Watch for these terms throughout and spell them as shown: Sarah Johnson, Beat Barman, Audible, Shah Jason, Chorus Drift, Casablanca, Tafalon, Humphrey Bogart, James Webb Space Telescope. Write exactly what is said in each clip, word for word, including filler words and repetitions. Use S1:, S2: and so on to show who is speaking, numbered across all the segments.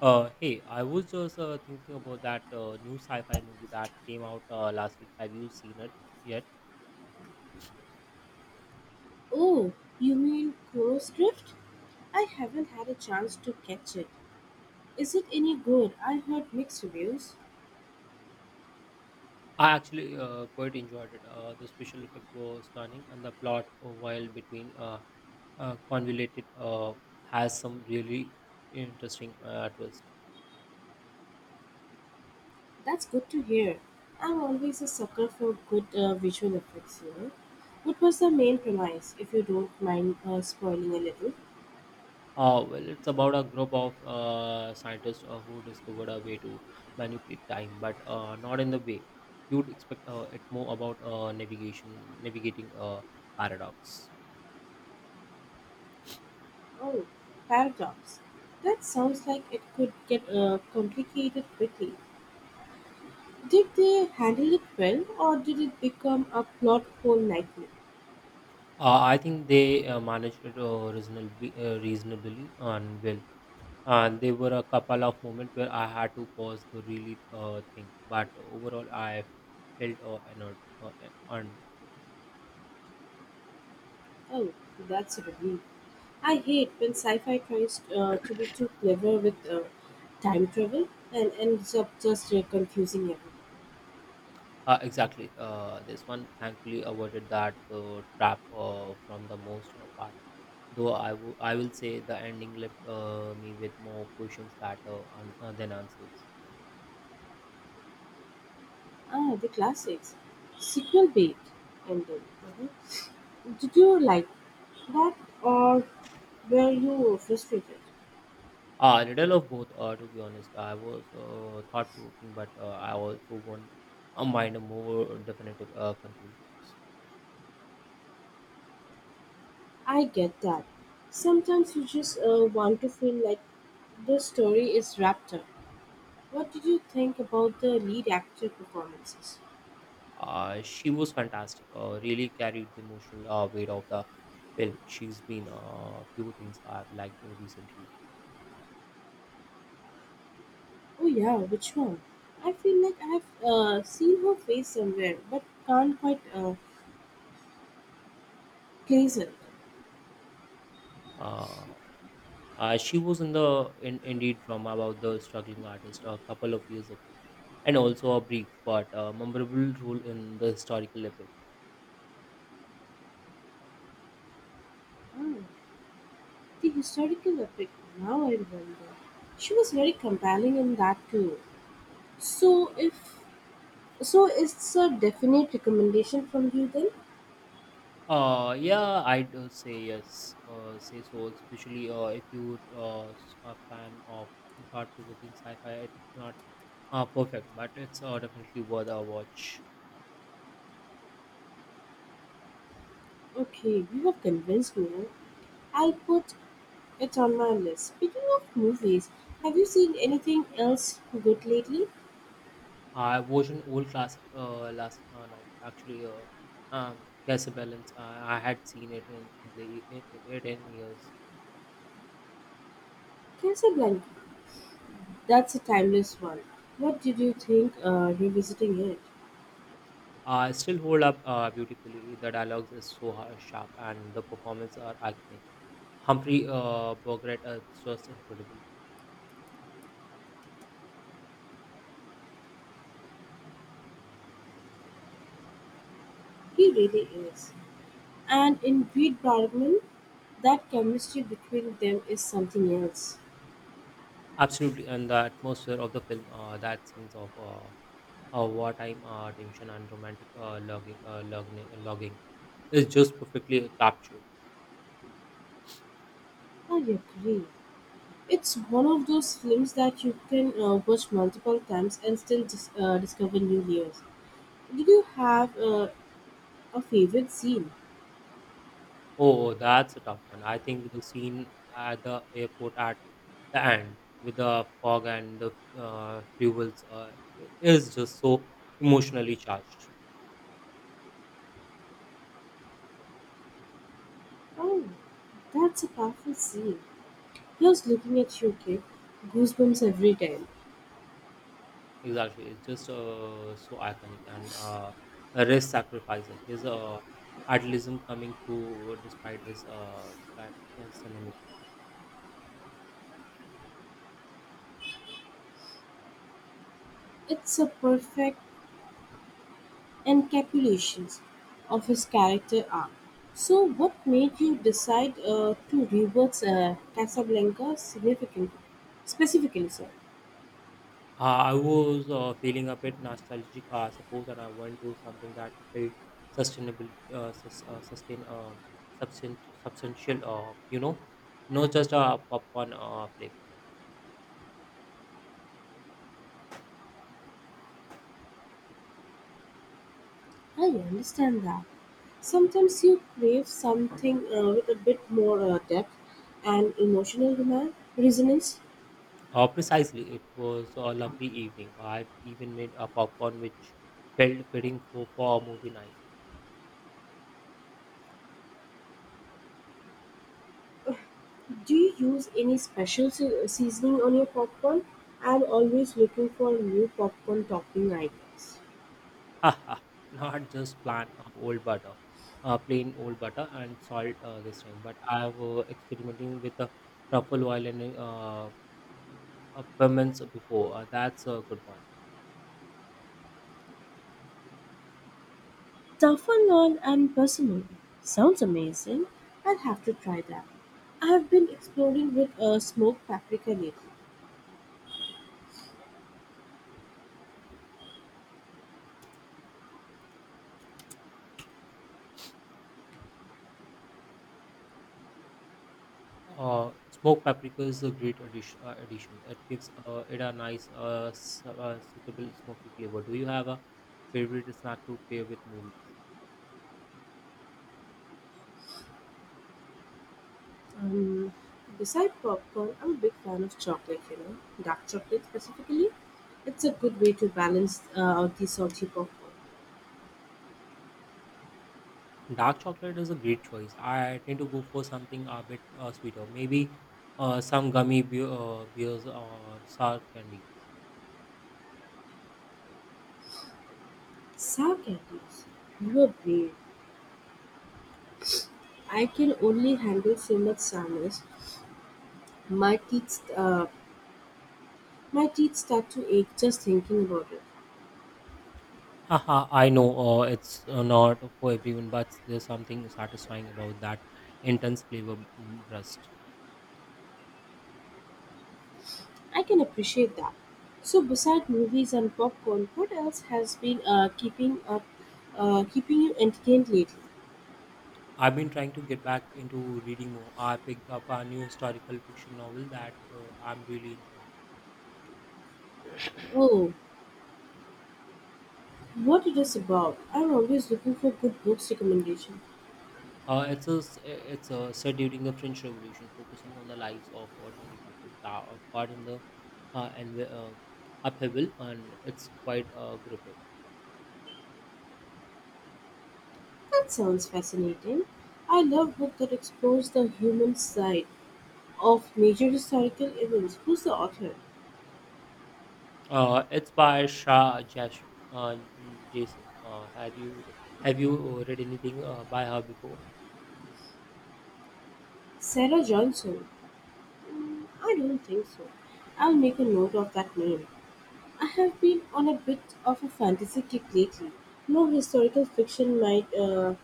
S1: Uh, hey, I was just uh, thinking about that uh, new sci-fi movie that came out uh, last week. Have you seen it yet?
S2: Oh, you mean Chorus Drift? I haven't had a chance to catch it. Is it any good? I heard mixed reviews.
S1: I actually uh, quite enjoyed it. Uh, the special effect was stunning, and the plot, uh, while between uh, uh, convoluted, uh, has some really interesting uh, twist.
S2: That's good to hear. I'm always a sucker for good uh, visual effects, you know. What was the main premise, if you don't mind uh, spoiling a little?
S1: Uh, well, it's about a group of uh, scientists uh, who discovered a way to manipulate time, but uh, not in the way you'd expect. Uh, it more about uh, navigation, navigating uh, paradox.
S2: Oh, paradox. That sounds like it could get uh, complicated quickly. Did they handle it well, or did it become a plot hole nightmare?
S1: Uh, I think they uh, managed it uh, reasonably, uh, reasonably and well. And there were a couple of moments where I had to pause to really uh, think. But overall, I felt uh, annoyed. Uh, an- and
S2: Oh, that's a relief. I hate when sci fi tries uh, to be too clever with uh, time travel and ends up just uh, confusing everyone.
S1: uh, Exactly, uh, this one thankfully avoided that uh, trap uh, from the most uh, part. Though I wo- I will say the ending left uh, me with more questions that uh, un- uh, than answers.
S2: Ah, the classics. Sequel bait. And then, uh-huh. Did you like that, or were you frustrated?
S1: Uh, a little of both, uh, to be honest. I was uh, thought provoking, but uh, I also want a mind a more definitive uh, conclusions.
S2: I get that. Sometimes you just uh, want to feel like the story is wrapped up. What did you think about the lead actor performances?
S1: Uh, she was fantastic, uh, really carried the emotional uh, weight of the film. She's been a uh, few things I've liked recently.
S2: Oh yeah, which one? I feel like I've uh, seen her face somewhere, but can't quite uh, place it.
S1: Uh, uh, she was in the in indie drama about the struggling artist a couple of years ago, and also a brief but uh, memorable role in the historical epic.
S2: Ah, the historical epic. Now I remember. She was very compelling in that too. So if so, it's a definite recommendation from you then.
S1: Uh, yeah, I'd uh, say yes. Uh, say so, especially uh, if you're uh, s- a fan of thought-provoking sci-fi. It's not uh, perfect, but it's uh, definitely worth a watch.
S2: Okay, you have convinced me, right? I'll put it on my list. Speaking of movies, have you seen anything else good lately?
S1: I watched an old classic uh, last uh, night. Actually, uh, um, Casablanca. I, I had seen it in, in the in, in ten years.
S2: Casablanca. That's a timeless one. What did you think uh, revisiting it?
S1: Uh, still hold up uh, beautifully. The dialogues is so ha- sharp, and the performances are iconic. Humphrey uh, Bogart is just incredible.
S2: He really is. And in Beat Barman, that chemistry between them is something else.
S1: Absolutely, and the atmosphere of the film, uh, that scenes of uh, uh, wartime uh, tension and romantic uh, logging, uh, logging, logging is just perfectly captured.
S2: I agree. It's one of those films that you can uh, watch multiple times and still dis- uh, discover new layers. Did you have uh, a favorite scene?
S1: Oh, that's a tough one. I think the scene at the airport at the end with the fog and the uh, fuels uh, is just so emotionally charged.
S2: Oh, that's a powerful scene. Just looking at you, kid, goosebumps every time.
S1: Exactly, it's just uh, so iconic and uh, a race sacrifice. His uh, idealism coming through despite his uh, kind- yeah, cinema.
S2: It's a perfect and encapsulations of his character arc. So, what made you decide uh, to rewatch uh, Casablanca significantly? Specifically, sir,
S1: Uh, I was uh, feeling a bit nostalgic, I suppose, and I went to something that felt sustainable, uh, sus- uh, sustain, uh, substan- substantial, uh, you know, not just a popcorn uh, flick.
S2: I understand that. Sometimes you crave something uh, with a bit more uh, depth and emotional demand, resonance.
S1: Uh, precisely, it was a lovely evening. I even made a popcorn which felt fitting for, for a movie night.
S2: Do you use any special se- seasoning on your popcorn? I'm always looking for new popcorn topping ideas.
S1: Haha, not just plain uh, old butter, uh, plain old butter and salt uh, this time, but I was experimenting with the truffle oil and uh, Uh, permits before. Uh, that's a good one.
S2: Tafalon and persimmon sounds amazing. I'll have to try that. I have been exploring with a smoked paprika lately.
S1: Uh, smoked paprika is a great addition. Uh, addition. It gives uh, it a nice, uh, s- uh, suitable smoky flavor. Do you have a favorite snack to pair with movies?
S2: Um, beside popcorn, I'm a big fan of chocolate, you know, dark chocolate specifically. It's a good way to balance uh, out the salty popcorn.
S1: Dark chocolate is a great choice. I tend to go for something a bit uh, sweeter. Maybe uh, some gummy be- uh, beers or sour candies.
S2: Sour candies. You are brave. I can only handle so much sourness. My teeth, uh, my teeth start to ache just thinking about it.
S1: Haha, I know uh, it's uh, not for everyone, but there's something satisfying about that intense flavor mm, burst.
S2: I can appreciate that. So, beside movies and popcorn, what else has been uh, keeping up, uh, keeping you entertained lately?
S1: I've been trying to get back into reading more. I picked up a new historical fiction novel that uh, I'm really enjoying.
S2: Oh, what it is about? I'm always looking for good books recommendation.
S1: Uh, it's a, s- it's a, set during the French Revolution, focusing on the lives of ordinary people ca- uh, caught in the uh, and uh, upheaval, and it's quite uh, gripping.
S2: That sounds fascinating. I love book that explores the human side of major historical events. Who's the author?
S1: Uh, it's by Shah Jason. Uh, Jason, uh, had you have you uh, read anything uh, by her before?
S2: Sarah Johnson. Mm, I don't think so. I'll make a note of that name. I have been on a bit of a fantasy kick lately. No historical fiction might, uh,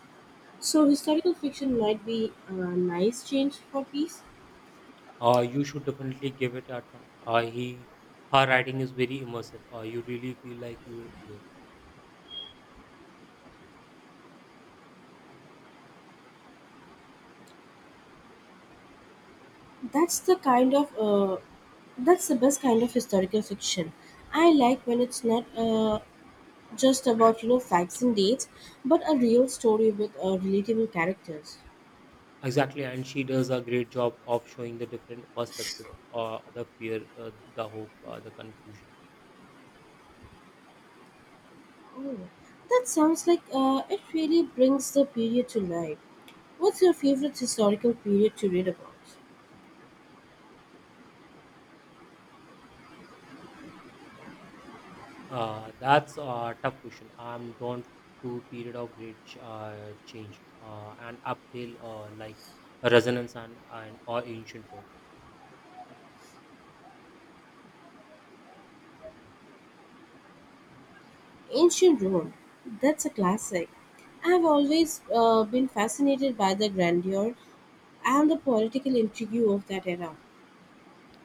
S2: so historical fiction might be a nice change for peace.
S1: Uh, you should definitely give it a try. Uh, he, her writing is very immersive. Uh, you really feel like you're there.
S2: That's the kind of, uh, that's the best kind of historical fiction. I like when it's not uh, just about you know facts and dates, but a real story with uh, relatable characters.
S1: Exactly, and she does a great job of showing the different perspectives, uh, the fear, uh, the hope, uh, the confusion.
S2: Oh, that sounds like uh, it really brings the period to life. What's your favorite historical period to read about?
S1: Uh, that's a tough question. I'm drawn to period of great ch- uh, change uh, and uphill, uh, like resonance and, and or ancient Rome.
S2: Ancient Rome, that's a classic. I've always uh, been fascinated by the grandeur and the political intrigue of that era.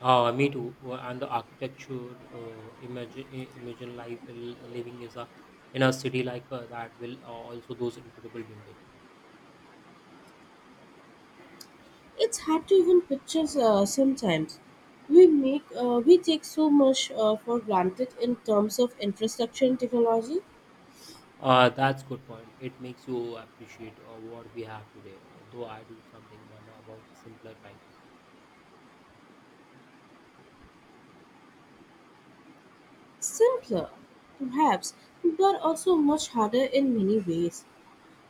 S1: Uh, me too. Uh, And the architecture, uh, imagine i- imagine life uh, living is a in a city like uh, that will uh, also those incredible building.
S2: It's hard to even picture uh, sometimes. We make uh, we take so much uh, for granted in terms of infrastructure and technology.
S1: Uh, that's good point. It makes you appreciate uh, what we have today. uh, Though I do something wonder about simpler times.
S2: Simpler, perhaps, but also much harder in many ways.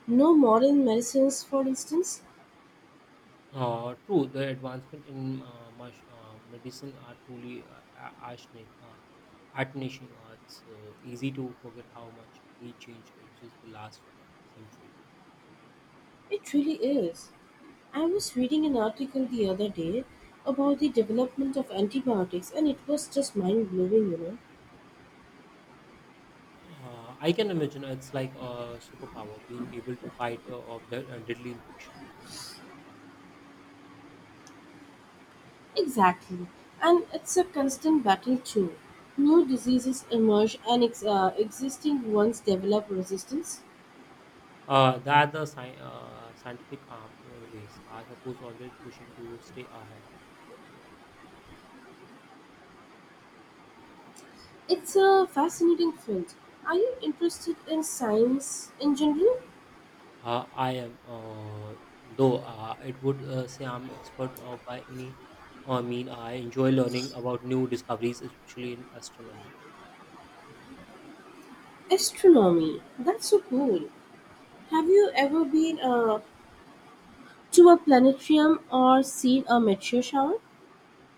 S2: No modern medicines, for instance.
S1: Uh, true, the advancement in uh, much, uh, medicine are truly uh, a- astonishing. Uh, astonishing. Uh, it's uh, easy to forget how much he changed in just the last uh, century.
S2: It really is. I was reading an article the other day about the development of antibiotics, and it was just mind blowing, you know.
S1: Uh, I can imagine it's like a superpower being able to fight uh, off de- uh, deadly infections.
S2: Exactly. And it's a constant battle, too. New diseases emerge, and ex- uh, existing ones develop resistance.
S1: Uh, the other sci- uh, scientific arm uh, race are suppose always pushing to stay ahead.
S2: It's a fascinating field. Are you interested in science in general?
S1: Uh, I am, uh, though uh, it would uh, say I'm expert uh, by any uh, mean. I enjoy learning about new discoveries, especially in astronomy.
S2: Astronomy. That's so cool. Have you ever been uh, to a planetarium or seen a meteor shower?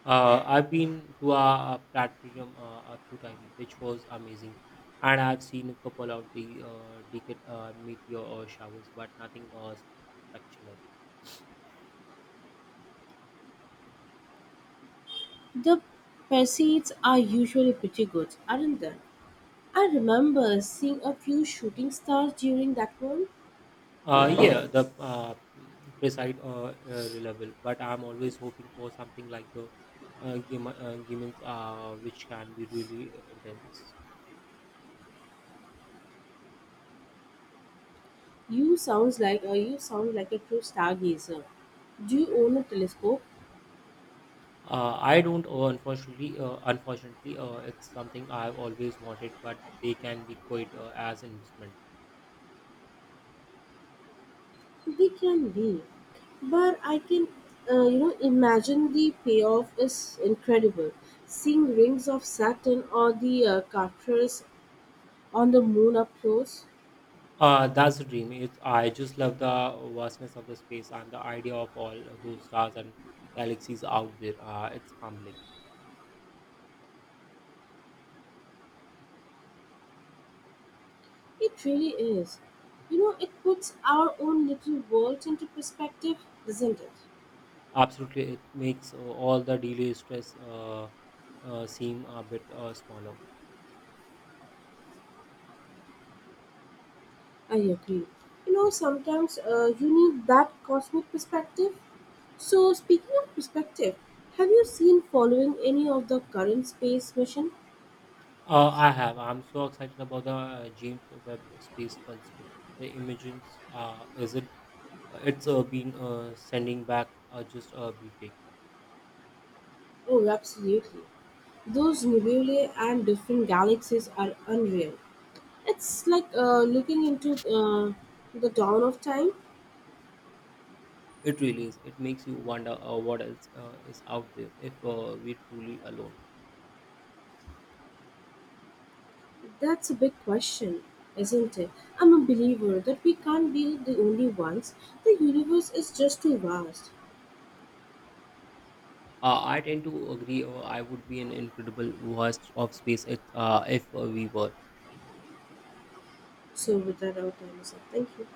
S1: Uh, I've been to a, a platinum uh, a few times, which was amazing, and I've seen a couple of the uh, decade uh, meteor uh, showers, but nothing uh, s- uh, spectacular.
S2: The proceeds are usually pretty good, aren't they? I remember seeing a few shooting stars during that one.
S1: Uh, yeah, the uh, mm, precise uh, uh, reliable, but I'm always hoping for something like the uh, game, uh, gamins, uh, which can be really intense.
S2: You sounds like uh, you sound like a true stargazer. Do you own a telescope?
S1: Uh, I don't, uh, unfortunately, uh, unfortunately, uh, it's something I've always wanted, but they can be quite uh, as investment.
S2: They can be, but I can, uh, you know, imagine the payoff is incredible. Seeing rings of Saturn or the uh, craters on the moon up close,
S1: Uh, that's the dream. It's, I just love the vastness of the space and the idea of all those stars and galaxies out there. Uh, it's humbling.
S2: it really is. You know, it puts our own little world into perspective, doesn't it?
S1: Absolutely, it makes uh, all the delay stress uh, uh, seem a bit uh, smaller.
S2: I agree. You know, sometimes uh, you need that cosmic perspective. So, speaking of perspective, have you seen following any of the current space mission?
S1: Uh, I have. I'm so excited about the uh, James Webb Space Telescope. The images uh, isn't uh, it's uh, been uh, sending back uh, just uh, breathtaking.
S2: Oh, absolutely. Those nebulae and different galaxies are unreal. It's like uh, looking into uh, the dawn of time.
S1: It really is. It makes you wonder uh, what else uh, is out there if uh, we're truly alone.
S2: That's a big question, isn't it? I'm a believer that we can't be the only ones. The universe is just too vast.
S1: Uh, I tend to agree. Uh, I would be an incredible waste of space if, uh, if uh, we were.
S2: So, with that, our time is up. Thank you.